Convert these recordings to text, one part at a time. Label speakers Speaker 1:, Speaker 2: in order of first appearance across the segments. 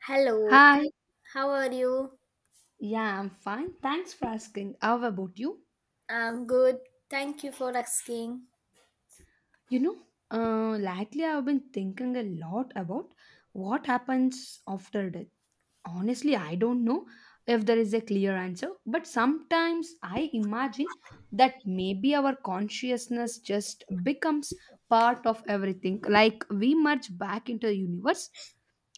Speaker 1: Hello,
Speaker 2: Hi.
Speaker 1: how are you?
Speaker 2: Yeah, I'm fine. Thanks for asking. How about you?
Speaker 1: I'm good. Thank you for asking.
Speaker 2: You know, Lately I've been thinking a lot about what happens after death. Honestly, I don't know if there is a clear answer, but sometimes I imagine that maybe our consciousness just becomes part of everything. Like we merge back into the universe.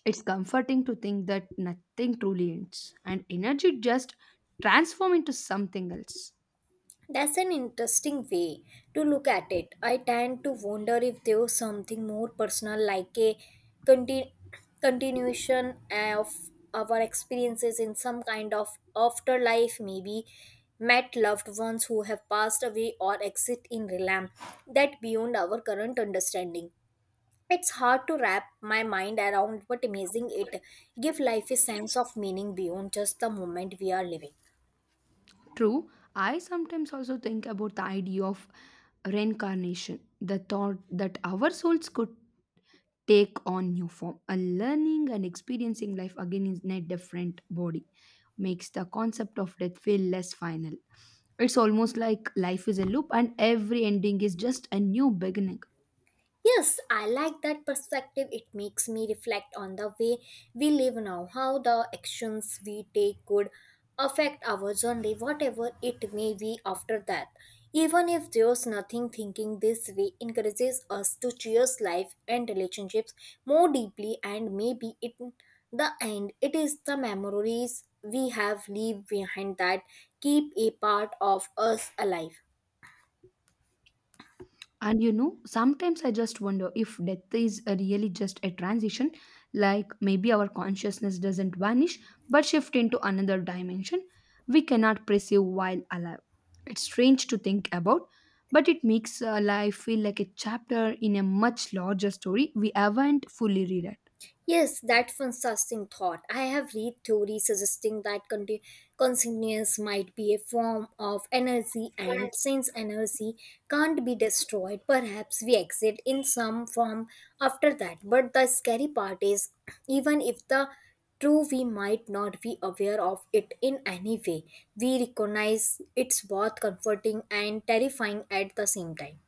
Speaker 2: It's comforting to think that nothing truly ends and energy just transform into something else.
Speaker 1: That's an interesting way to look at it. I tend to wonder if there was something more personal, like a conti- continuation of our experiences in some kind of afterlife, maybe met loved ones who have passed away or exist in realm that beyond our current understanding. It's hard to wrap my mind around what amazing it give life a sense of meaning beyond just the moment we are living.
Speaker 2: True, I sometimes also think about the idea of reincarnation, the thought that our souls could take on new form. A learning and experiencing life again in a different body makes the concept of death feel less final. It's almost like life is a loop and every ending is just a new beginning.
Speaker 1: Yes, I like that perspective. It makes me reflect on the way we live now, how the actions we take could affect our journey, whatever it may be after that. Even if there's nothing, thinking this way encourages us to cherish life and relationships more deeply, and maybe in the end, it is the memories we have leave behind that keep a part of us alive.
Speaker 2: Sometimes I just wonder if death is really just a transition, like maybe our consciousness doesn't vanish but shift into another dimension we cannot perceive while alive. It's strange to think about, but it makes life feel like a chapter in a much larger story we haven't fully read.
Speaker 1: Yes, that's fantastic thought. I have read theories suggesting that consciousness might be a form of energy, and since energy can't be destroyed, perhaps we exit in some form after that. But the scary part is, even if the true, we might not be aware of it in any way. We recognize it's both comforting and terrifying at the same time.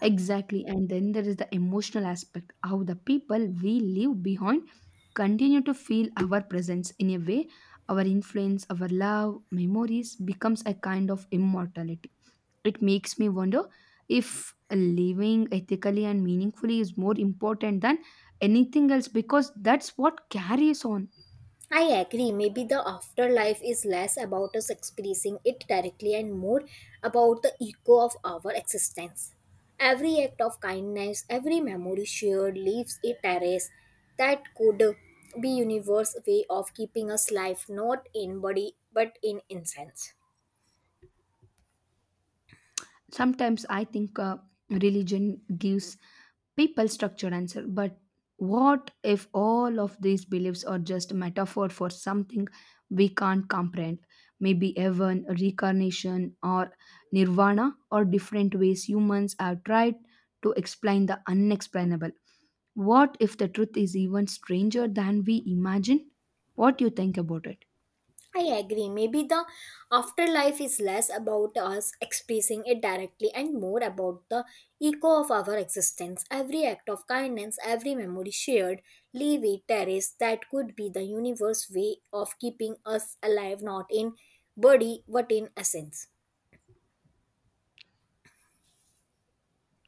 Speaker 2: Exactly. And then there is the emotional aspect how the people we leave behind continue to feel our presence in a way our influence, our love, memories becomes a kind of immortality. It makes me wonder if living ethically and meaningfully is more important than anything else because that's what carries on.
Speaker 1: I agree. Maybe the afterlife is less about us experiencing it directly and more about the echo of our existence. Every act of kindness, every memory shared leaves a trace that could be universe way of keeping us life not in body but in essence.
Speaker 2: Sometimes I think religion gives people structured answer, but what if all of these beliefs are just a metaphor for something we can't comprehend? Maybe heaven, reincarnation or nirvana or different ways humans have tried to explain the unexplainable. What if the truth is even stranger than we imagine? What do you think about it?
Speaker 1: I agree. Maybe the afterlife is less about us expressing it directly and more about the echo of our existence. Every act of kindness, every memory shared, leave it, terraced, that could be the universe way of keeping us alive, not in body but in essence.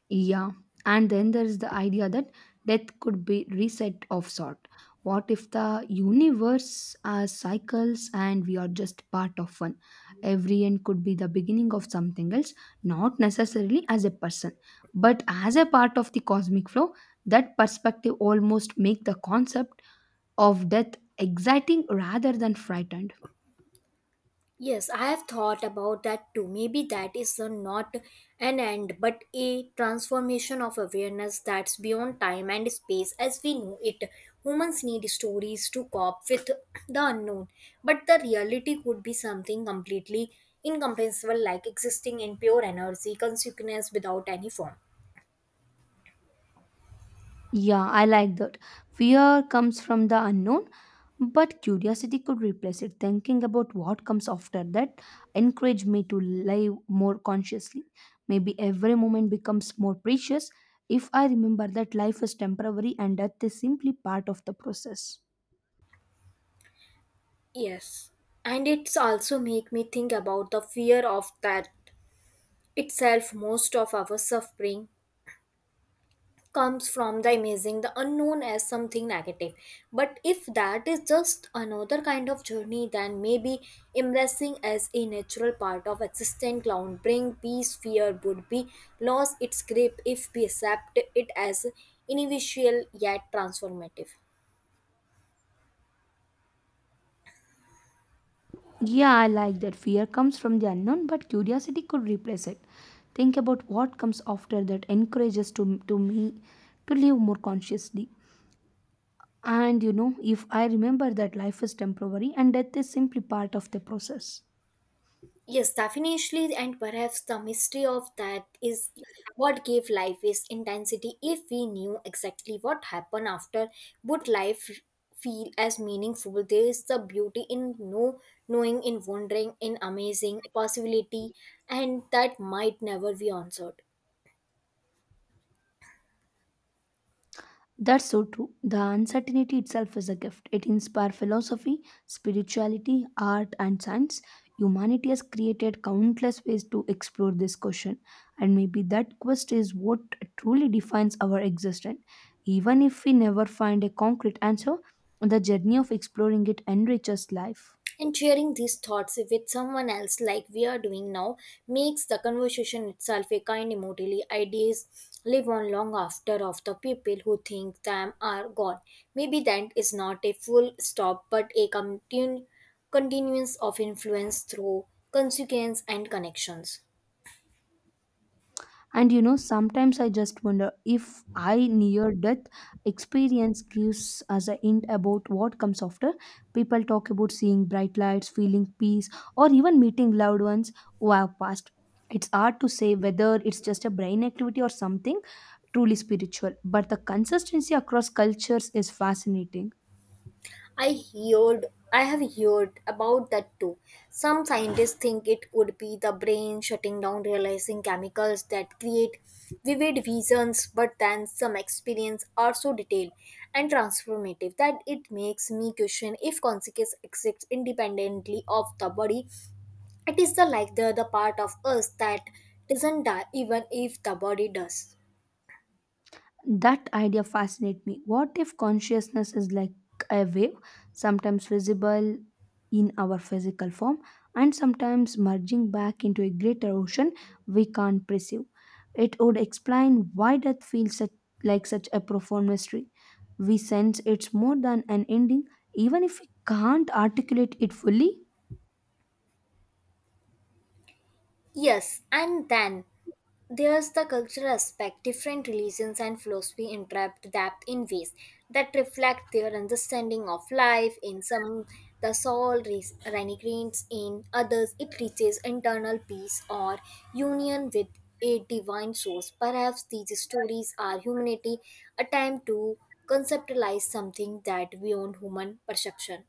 Speaker 2: Yeah, and then there is the idea that death could be reset of sort. What if the universe has cycles and we are just part of one? Every end could be the beginning of something else, not necessarily as a person, but as a part of the cosmic flow. That perspective almost make the concept of death exciting rather than frightened.
Speaker 1: Yes, I have thought about that too. Maybe that is a, not an end, but a transformation of awareness that's beyond time and space as we know it. Humans need stories to cope with the unknown, but the reality could be something completely incomprehensible, like existing in pure energy, consciousness without any form.
Speaker 2: Yeah, I like that. Fear comes from the unknown, but curiosity could replace it. Thinking about what comes after that encouraged me to live more consciously. Maybe every moment becomes more precious if I remember that life is temporary and death is simply part of the process.
Speaker 1: Yes. And it's also make me think about the fear of that itself most of our suffering comes from the imaging the unknown as something negative, but if that is just another kind of journey then maybe embracing as a natural part of existent ground bring peace fear would be lost its grip if we accept it as individual yet transformative.
Speaker 2: Yeah, I like that. Fear comes from the unknown, but curiosity could replace it. Think about what comes after that encourages to me to live more consciously. And you know, if I remember that life is temporary and death is simply part of the process.
Speaker 1: Yes, definitely, and perhaps the mystery of that is what gave life its intensity. If we knew exactly what happened after, would life feel as meaningful? There is the beauty in no knowing, in wondering, in amazing possibility, and that might never be answered.
Speaker 2: That's so true. The uncertainty itself is a gift. It inspires philosophy, spirituality, art, and science. Humanity has created countless ways to explore this question, and maybe that quest is what truly defines our existence. Even if we never find a concrete answer, the journey of exploring it enriches life.
Speaker 1: And sharing these thoughts with someone else, like we are doing now, makes the conversation itself a kind emotionally. Ideas live on long after of the people who think them are gone. Maybe that is not a full stop, but a continuance of influence through consequence and connections.
Speaker 2: Sometimes I just wonder if I near death experience gives us a hint about what comes after. People talk about seeing bright lights, feeling peace, or even meeting loved ones who have passed. It's hard to say whether it's just a brain activity or something truly spiritual, but the consistency across cultures is fascinating.
Speaker 1: I heard I have heard about that too. Some scientists think it could be the brain shutting down realizing chemicals that create vivid visions, but then some experience are so detailed and transformative that it makes me question if consciousness exists independently of the body. It is the like the part of us that doesn't die even if the body does.
Speaker 2: That idea fascinates me. What if consciousness is like a wave, sometimes visible in our physical form and sometimes merging back into a greater ocean we can't perceive? It would explain why death feels such a profound mystery. We sense it's more than an ending, even if we can't articulate it fully.
Speaker 1: Yes, and then there's the cultural aspect. Different religions and philosophy interpret that in ways that reflect their understanding of life. In some, the soul renegates. In others, it reaches internal peace or union with a divine source. Perhaps these stories are humanity' attempt to conceptualize something that beyond human perception.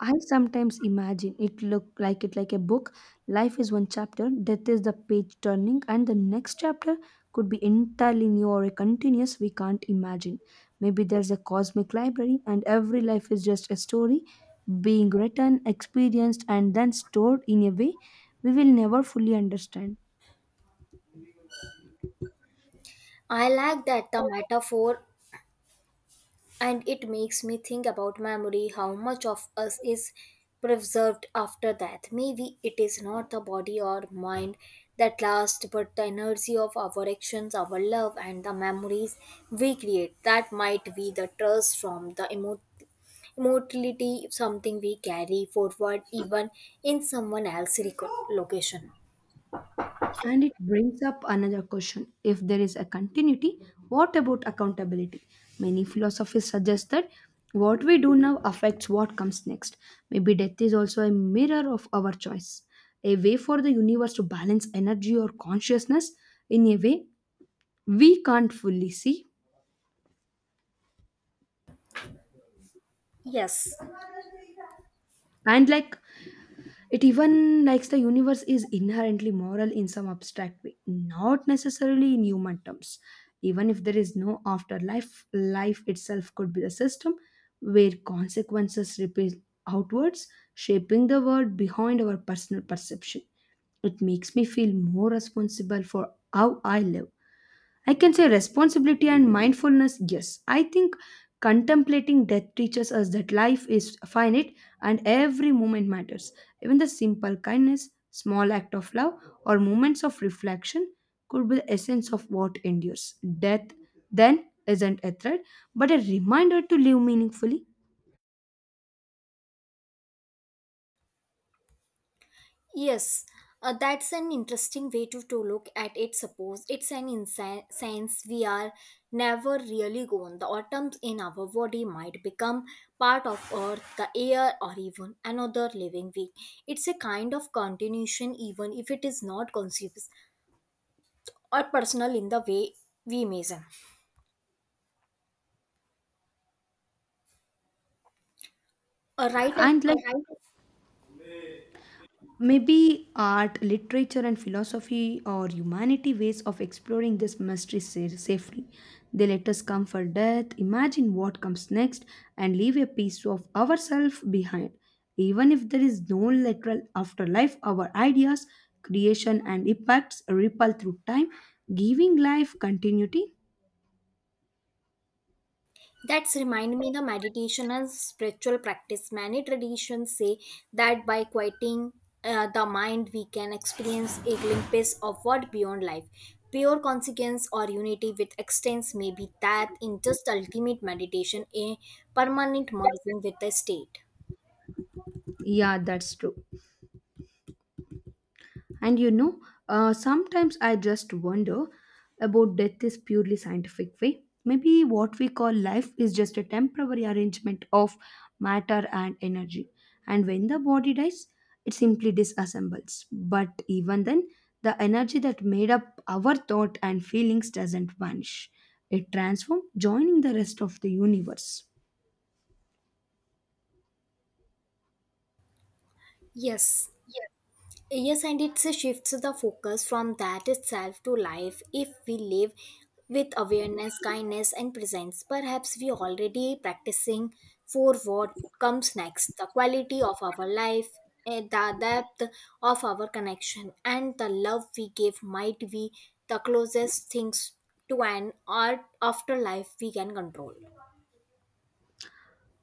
Speaker 2: I sometimes imagine it look like it like a book. Life is one chapter, death is the page turning, and the next chapter could be entirely new or a continuous we can't imagine. Maybe there's a cosmic library and every life is just a story being written, experienced, and then stored in a way we will never fully understand.
Speaker 1: I like that the metaphor and it makes me think about memory how much of us is preserved after death? Maybe it is not the body or mind that lasts but the energy of our actions our love and the memories we create that might be the trust from the immortality something we carry forward even in someone else's location.
Speaker 2: And it brings up another question. If there is a continuity, what about accountability? Many philosophies suggest that what we do now affects what comes next. Maybe death is also a mirror of our choice, a way for the universe to balance energy or consciousness in a way we can't fully see.
Speaker 1: Yes.
Speaker 2: And like It even likes the universe is inherently moral in some abstract way, not necessarily in human terms. Even if there is no afterlife, life itself could be the system where consequences ripple outwards, shaping the world behind our personal perception. It makes me feel more responsible for how I live. I can say responsibility and mindfulness, yes. I think contemplating death teaches us that life is finite and every moment matters. Even the simple kindness, small act of love, or moments of reflection could be the essence of what endures. Death then isn't a threat, but a reminder to live meaningfully.
Speaker 1: Yes, that's an interesting way to look at it. Suppose it's an sense we are never really gone. The atoms in our body might become part of earth, the air, or even another living being. It's a kind of continuation, even if it is not conscious or personal in the way we measure. Right.
Speaker 2: And like Maybe art, literature, and philosophy or humanity ways of exploring this mystery safely. They let us come for death, imagine what comes next, and leave a piece of ourselves behind. Even if there is no literal afterlife, our ideas, creation, and impacts ripple through time, giving life continuity.
Speaker 1: That's remind me the meditation and spiritual practice. Many traditions say that by quieting the mind, we can experience a glimpse of what beyond life. Pure consequence or unity with existence may be that in just ultimate meditation, a permanent merging with the state.
Speaker 2: Yeah, that's true. And you know, Sometimes I just wonder about death is purely scientific way. Maybe what we call life is just a temporary arrangement of matter and energy. And when the body dies, it simply disassembles. But even then, the energy that made up our thought and feelings doesn't vanish. It transforms, joining the rest of the universe.
Speaker 1: Yes. Yes, and it shifts the focus from that itself to life. If we live with awareness, kindness, and presence, perhaps we already practicing for what comes next the quality of our life, the depth of our connection, and the love we give might be the closest things to an art afterlife we can control.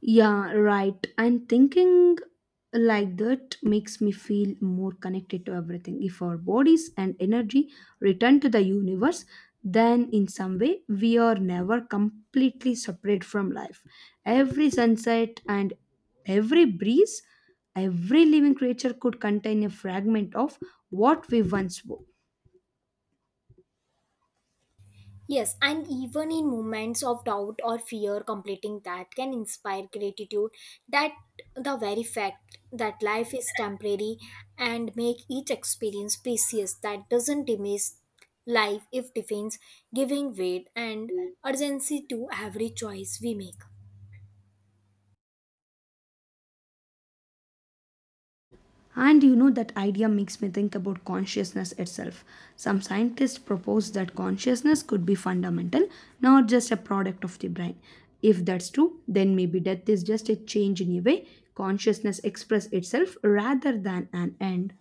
Speaker 2: Yeah, right. And thinking like that makes me feel more connected to everything. If our bodies and energy return to the universe, then in some way we are never completely separate from life. Every sunset and every breeze, every living creature could contain a fragment of what we once were.
Speaker 1: Yes, and even in moments of doubt or fear, completing that can inspire gratitude that the very fact that life is temporary and make each experience precious that doesn't diminish life if defines giving weight and urgency to every choice we make.
Speaker 2: And you know, that idea makes me think about consciousness itself. Some scientists propose that consciousness could be fundamental, not just a product of the brain. If that's true, then maybe death is just a change in a way consciousness express itself rather than an end.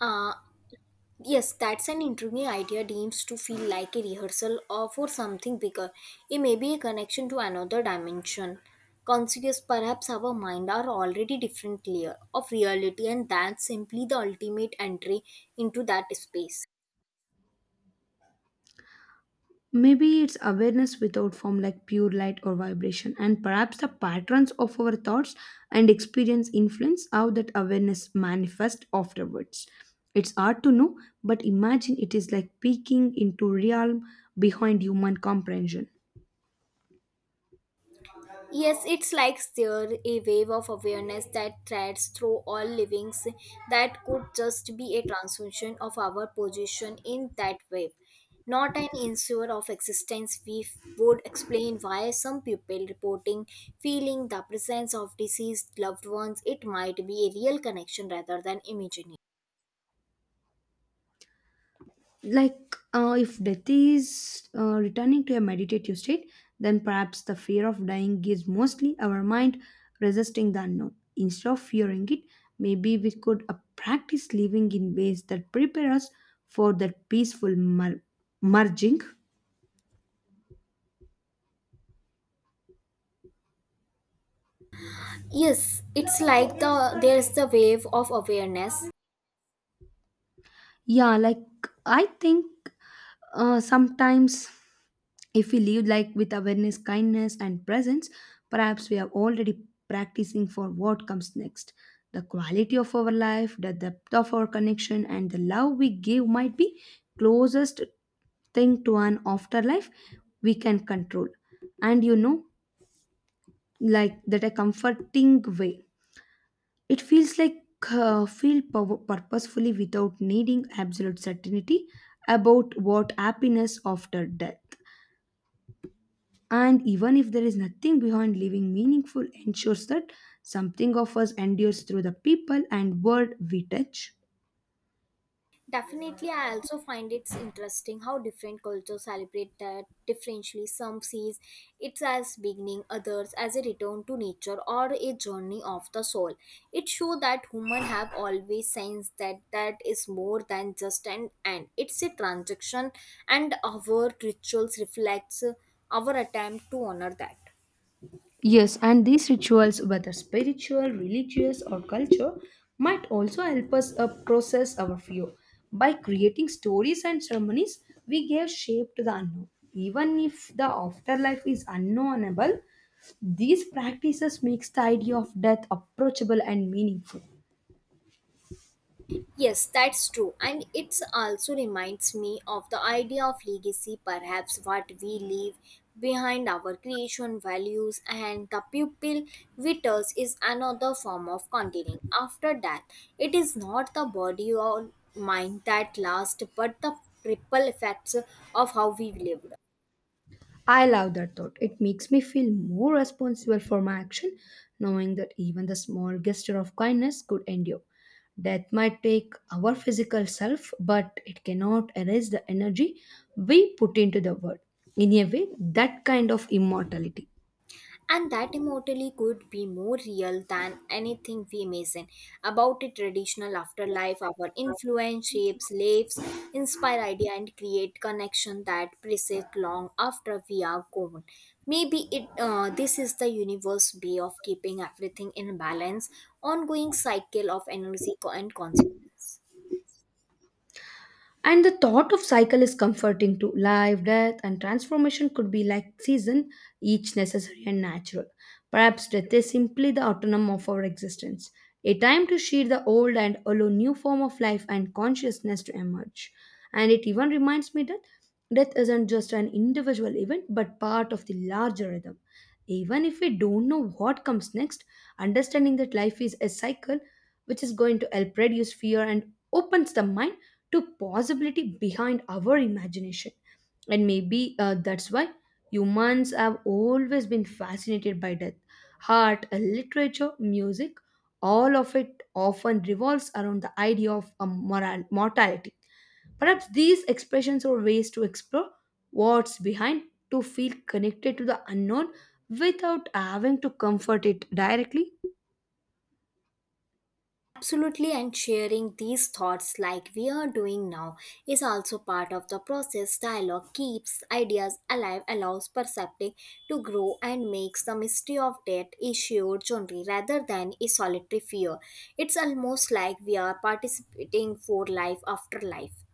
Speaker 1: Uh, Yes, that's an intriguing idea deems to feel like a rehearsal or for something bigger. It may be a connection to another dimension. Conscious perhaps our mind are already different layer of reality and that's simply the ultimate entry into that space.
Speaker 2: Maybe it's awareness without form, like pure light or vibration, and perhaps the patterns of our thoughts and experience influence how that awareness manifests afterwards. It's hard to know, but imagine it is like peeking into realm behind human comprehension.
Speaker 1: Yes, it's like there a wave of awareness that threads through all livings that could just be a transmission of our position in that wave, not an insurer of existence. We would explain why some people reporting feeling the presence of deceased loved ones. It might be a real connection rather than imaginary.
Speaker 2: If death is returning to a meditative state, then perhaps the fear of dying is mostly our mind resisting the unknown instead of fearing it. Maybe we could practice living in ways that prepare us for that peaceful merging.
Speaker 1: Yes, it's like there's the wave of awareness.
Speaker 2: Yeah, like I think Sometimes if we live like with awareness, kindness, and presence, perhaps we are already practicing for what comes next. The quality of our life, the depth of our connection, and the love we give might be closest thing to an afterlife we can control. And you know, like That a comforting way. It feels like feel purposefully without needing absolute certainty about what happiness after death. And even if there is nothing behind living meaningful ensures that something of us endures through the people and world we touch.
Speaker 1: Definitely, I also find it's interesting how different cultures celebrate that differently. Some sees it as beginning, others as a return to nature or a journey of the soul. It shows that human have always sensed that that is more than just an end. It's a transaction, and our rituals reflects our attempt to honor that.
Speaker 2: Yes, and these rituals, whether spiritual, religious, or culture, might also help us process our fear. By creating stories and ceremonies, we give shape to the unknown. Even if the afterlife is unknowable, these practices makes the idea of death approachable and meaningful.
Speaker 1: Yes, that's true. And it also reminds me of the idea of legacy, perhaps what we leave behind our creation values and the pupil vitters is another form of continuing after death. It is not the body or mind that lasts, but the ripple effects of how we lived.
Speaker 2: I love that thought. It makes me feel more responsible for my action, knowing that even the small gesture of kindness could endure. Death might take our physical self, but it cannot erase the energy we put into the world. In a way, that kind of immortality.
Speaker 1: And that immortality could be more real than anything we imagine. About a traditional afterlife, our influence shapes lives, inspire idea, and create connection that persist long after we are gone. Maybe it this is the universe way of keeping everything in balance, ongoing cycle of energy and consciousness.
Speaker 2: And the thought of cycle is comforting too. Life, death, and transformation could be like season, each necessary and natural. Perhaps death is simply the autonomy of our existence, a time to shed the old and allow new form of life and consciousness to emerge. And it even reminds me that death isn't just an individual event, but part of the larger rhythm. Even if we don't know what comes next, understanding that life is a cycle, which is going to help reduce fear and opens the mind to possibility behind our imagination. And maybe that's why humans have always been fascinated by death. Art, literature, music, all of it often revolves around the idea of a moral, mortality. Perhaps these expressions are ways to explore what's behind, to feel connected to the unknown without having to comfort it directly.
Speaker 1: Absolutely, and sharing these thoughts like we are doing now is also part of the process. Dialogue keeps ideas alive, allows perceptive to grow, and makes the mystery of death a shared journey rather than a solitary fear. It's almost like we are participating for life after life.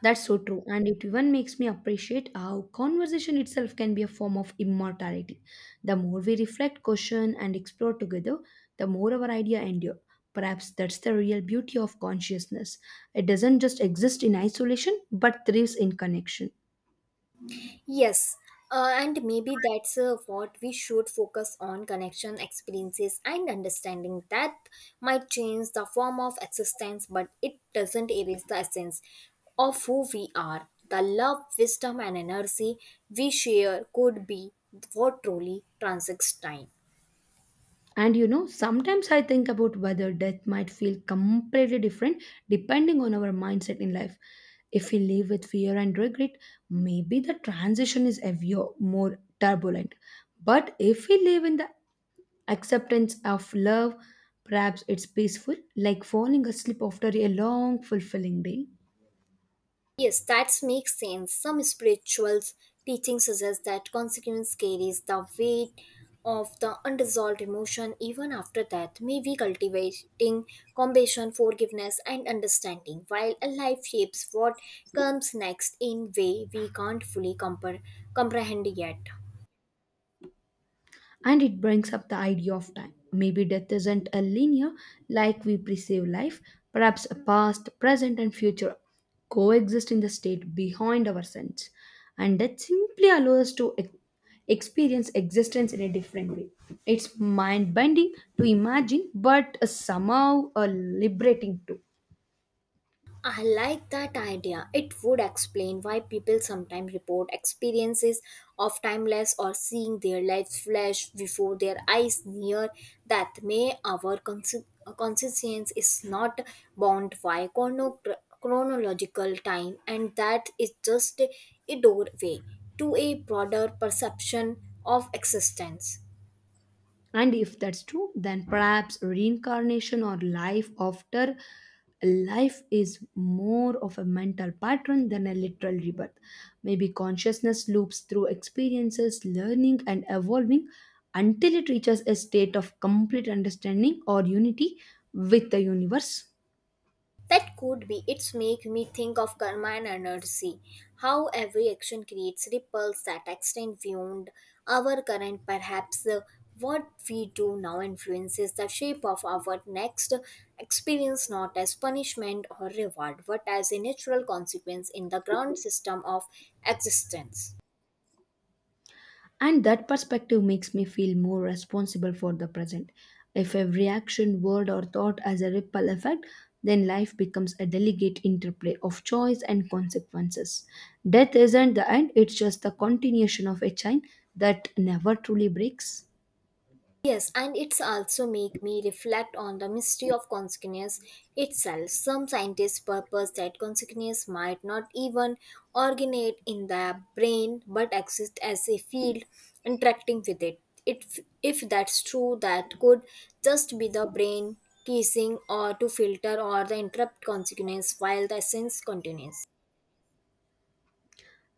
Speaker 2: That's so true, and it even makes me appreciate how conversation itself can be a form of immortality. The more we reflect, question, and explore together, the more our idea endure. Perhaps that's the real beauty of consciousness. It doesn't just exist in isolation, but thrives in connection.
Speaker 1: Yes, and maybe that's what we should focus on connection, experiences, and understanding. That might change the form of existence, but it doesn't erase the essence of who we are. The love, wisdom, and energy we share could be what truly transcends time.
Speaker 2: And you know, sometimes I think about whether death might feel completely different depending on our mindset in life. If we live with fear and regret, maybe the transition is heavier, more turbulent. But if we live in the acceptance of love, perhaps it's peaceful, like falling asleep after a long, fulfilling day.
Speaker 1: Yes, that makes sense. Some spiritual teachings suggest that consequence carries the weight of the unresolved emotion even after death. Maybe cultivating compassion, forgiveness, and understanding, while a life shapes what comes next in way we can't fully comprehend yet.
Speaker 2: And it brings up the idea of time. Maybe death isn't a linear like we perceive life, perhaps a past, present, and future coexist in the state behind our sense, and that simply allows us to experience existence in a different way. It's mind bending to imagine, but somehow liberating too.
Speaker 1: I like that idea. It would explain why people sometimes report experiences of timeless or seeing their lives flash before their eyes near that may our consciousness is not bound by chronological time and that is just a doorway to a broader perception of existence.
Speaker 2: And if that's true, then perhaps reincarnation or life after life is more of a mental pattern than a literal rebirth. Maybe consciousness loops through experiences, learning, and evolving until it reaches a state of complete understanding or unity with the universe.
Speaker 1: That could be. It's make me think of karma and energy. How every action creates ripples that extend beyond our current. Perhaps what we do now influences the shape of our next experience, not as punishment or reward, but as a natural consequence in the ground system of existence.
Speaker 2: And that perspective makes me feel more responsible for the present. If every action, word, or thought has a ripple effect, then life becomes a delicate interplay of choice and consequences. Death isn't the end, it's just the continuation of a chain that never truly breaks.
Speaker 1: Yes, and it's also make me reflect on the mystery of consciousness itself. Some scientists purpose that consciousness might not even originate in the brain but exist as a field interacting with it. It if that's true, that could just be the brain teasing or to filter or the interrupt consciousness while the essence continues.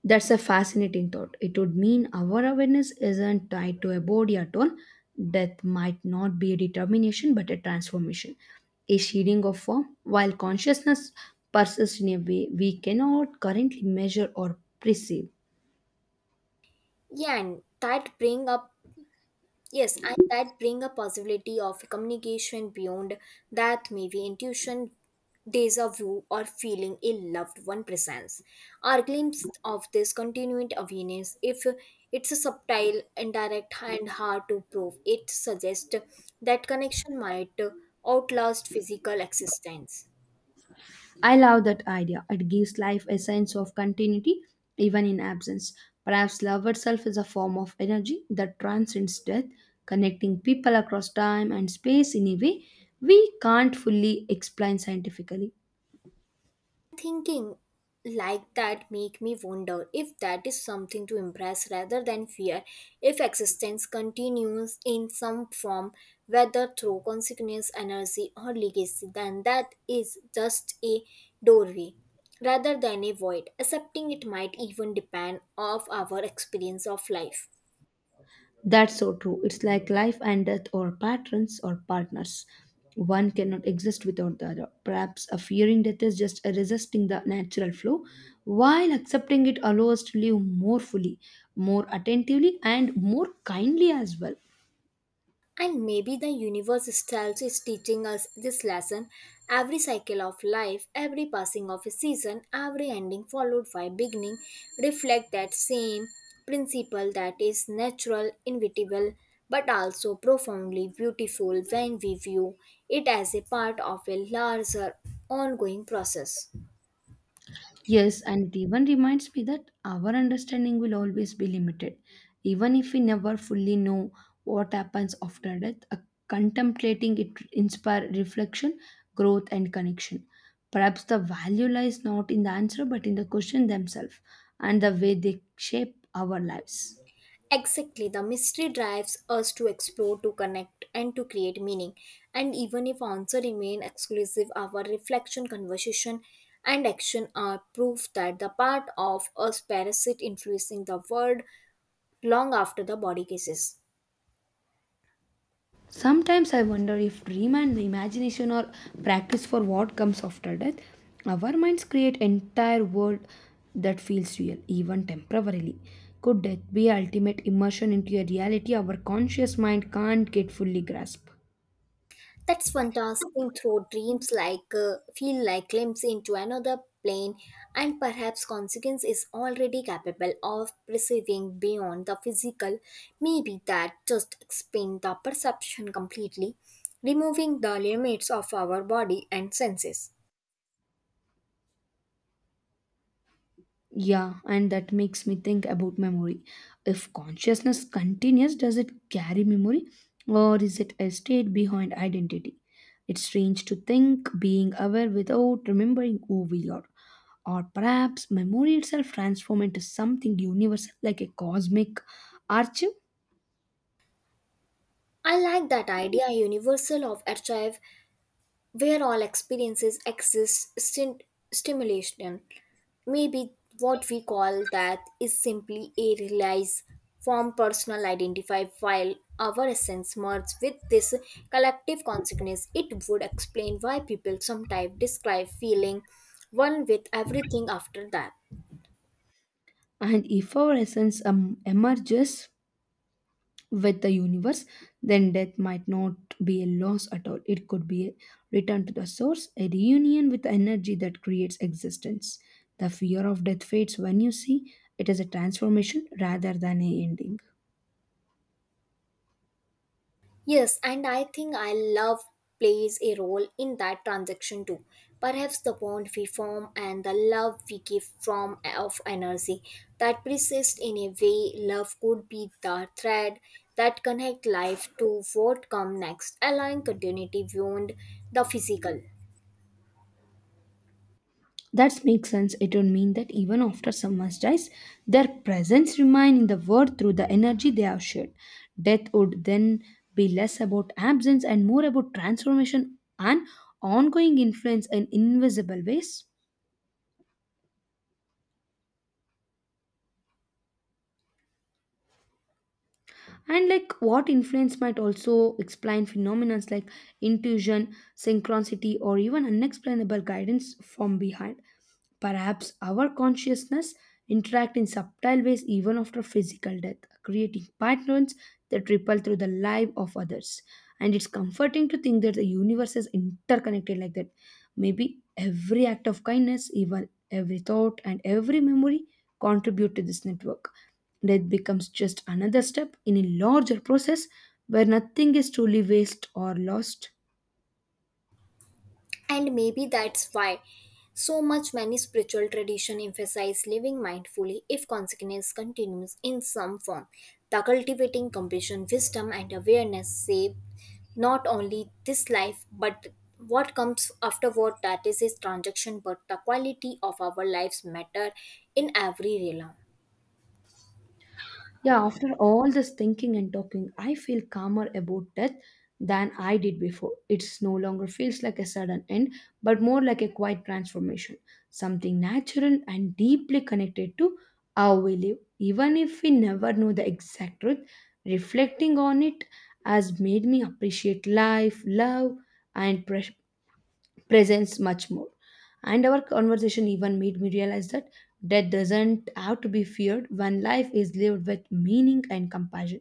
Speaker 2: That's a fascinating thought. It would mean our awareness isn't tied to a body at all. Death might not be a determination but a transformation, a shading of form, while consciousness persists in a way we cannot currently measure or perceive.
Speaker 1: Yeah, and that bring up Yes, and that bring a possibility of communication beyond that maybe intuition, deja vu, or feeling a loved one presence. Our glimpse of this continued awareness, if it's a subtle, indirect, and hard to prove, it suggests that connection might outlast physical existence.
Speaker 2: I love that idea. It gives life a sense of continuity even in absence. Perhaps love itself is a form of energy that transcends death, connecting people across time and space in a way we can't fully explain scientifically.
Speaker 1: Thinking like that make me wonder if that is something to embrace rather than fear if existence continues in some form whether through consciousness energy or legacy then that is just a doorway rather than a void accepting it might even depend of our experience of life.
Speaker 2: That's so true. It's like life and death, or patrons or partners. One cannot exist without the other. Perhaps a fearing death is just a resisting the natural flow, while accepting it allows us to live more fully, more attentively, and more kindly as well.
Speaker 1: And maybe the universe itself is teaching us this lesson. Every cycle of life, every passing of a season, every ending followed by beginning reflect that same principle that is natural, inevitable, but also profoundly beautiful when we view it as a part of a larger ongoing process.
Speaker 2: Yes, and it even reminds me that our understanding will always be limited. Even if we never fully know what happens after death, a contemplating it inspire reflection, growth, and connection. Perhaps the value lies not in the answer but in the question themselves and the way they shape our lives.
Speaker 1: Exactly, the mystery drives us to explore, to connect, and to create meaning. And even if answers remain exclusive, our reflection, conversation, and action are proof that the part of us parasite influencing the world long after the body cases.
Speaker 2: Sometimes I wonder if dream and imagination are practice for what comes after death. Our minds create entire world that feels real, even temporarily. Could death be ultimate immersion into a reality our conscious mind can't get fully grasp?
Speaker 1: That's fantastic. Dancing through dreams like feel like glimpse into another plane and perhaps consequence is already capable of perceiving beyond the physical. Maybe that just expands the perception completely, removing the limits of our body and senses.
Speaker 2: Yeah, and that makes me think about memory. If consciousness continues, does it carry memory or is it a state behind identity? It's strange to think being aware without remembering who we are. Or perhaps memory itself transforms into something universal like a cosmic archive,
Speaker 1: I like that idea universal of archive where all experiences exist stimulation. Maybe what we call that is simply a realized form personal identify while our essence merges with this collective consciousness. It would explain why people sometimes describe feeling one with everything after that.
Speaker 2: and if our essence emerges, with the universe, then death might not be a loss at all. It could be a return to the source, a reunion with the energy that creates existence. The fear of death fades when you see it as a transformation rather than a ending.
Speaker 1: Yes, and I think I love plays a role in that transaction too. Perhaps the bond we form and the love we give from of energy that persists in a way love could be the thread that connect life to what come next, allowing continuity beyond the physical.
Speaker 2: That makes sense. It would mean that even after someone dies, their presence remains in the world through the energy they have shared. Death would then be less about absence and more about transformation and ongoing influence in invisible ways. And like what influence might also explain phenomena like intuition synchronicity or even unexplainable guidance from behind, perhaps our consciousness interact in subtle ways even after physical death, creating patterns that ripple through the life of others. And it's comforting to think that the universe is interconnected like that. Maybe every act of kindness, even every thought and every memory contribute to this network. Death becomes just another step in a larger process where nothing is truly waste or lost.
Speaker 1: And maybe that's why so much many spiritual tradition emphasize living mindfully if consciousness continues in some form. The cultivating compassion, wisdom and awareness save not only this life but what comes afterward that is its transaction but the quality of our lives matter in every realm.
Speaker 2: Yeah, after all this thinking and talking, I feel calmer about death than I did before. It's no longer feels like a sudden end, but more like a quiet transformation, something natural and deeply connected to how we live. Even if we never know the exact truth, reflecting on it has made me appreciate life, love, and presence much more. And our conversation even made me realize that death doesn't have to be feared when life is lived with meaning and compassion.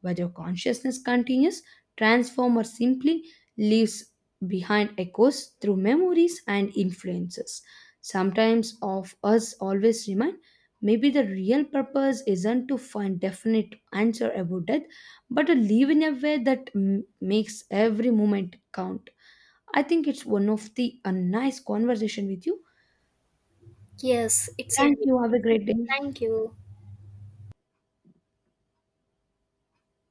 Speaker 2: Whether consciousness continues, transforms, or simply leaves behind echoes through memories and influences. Sometimes of us always remind, maybe the real purpose isn't to find definite answer about death, but to live in a way that makes every moment count. I think it's one of the a nice conversation with you.
Speaker 1: Yes, it's a
Speaker 2: Thank
Speaker 1: good.
Speaker 2: you. Have a great day.
Speaker 1: Thank you.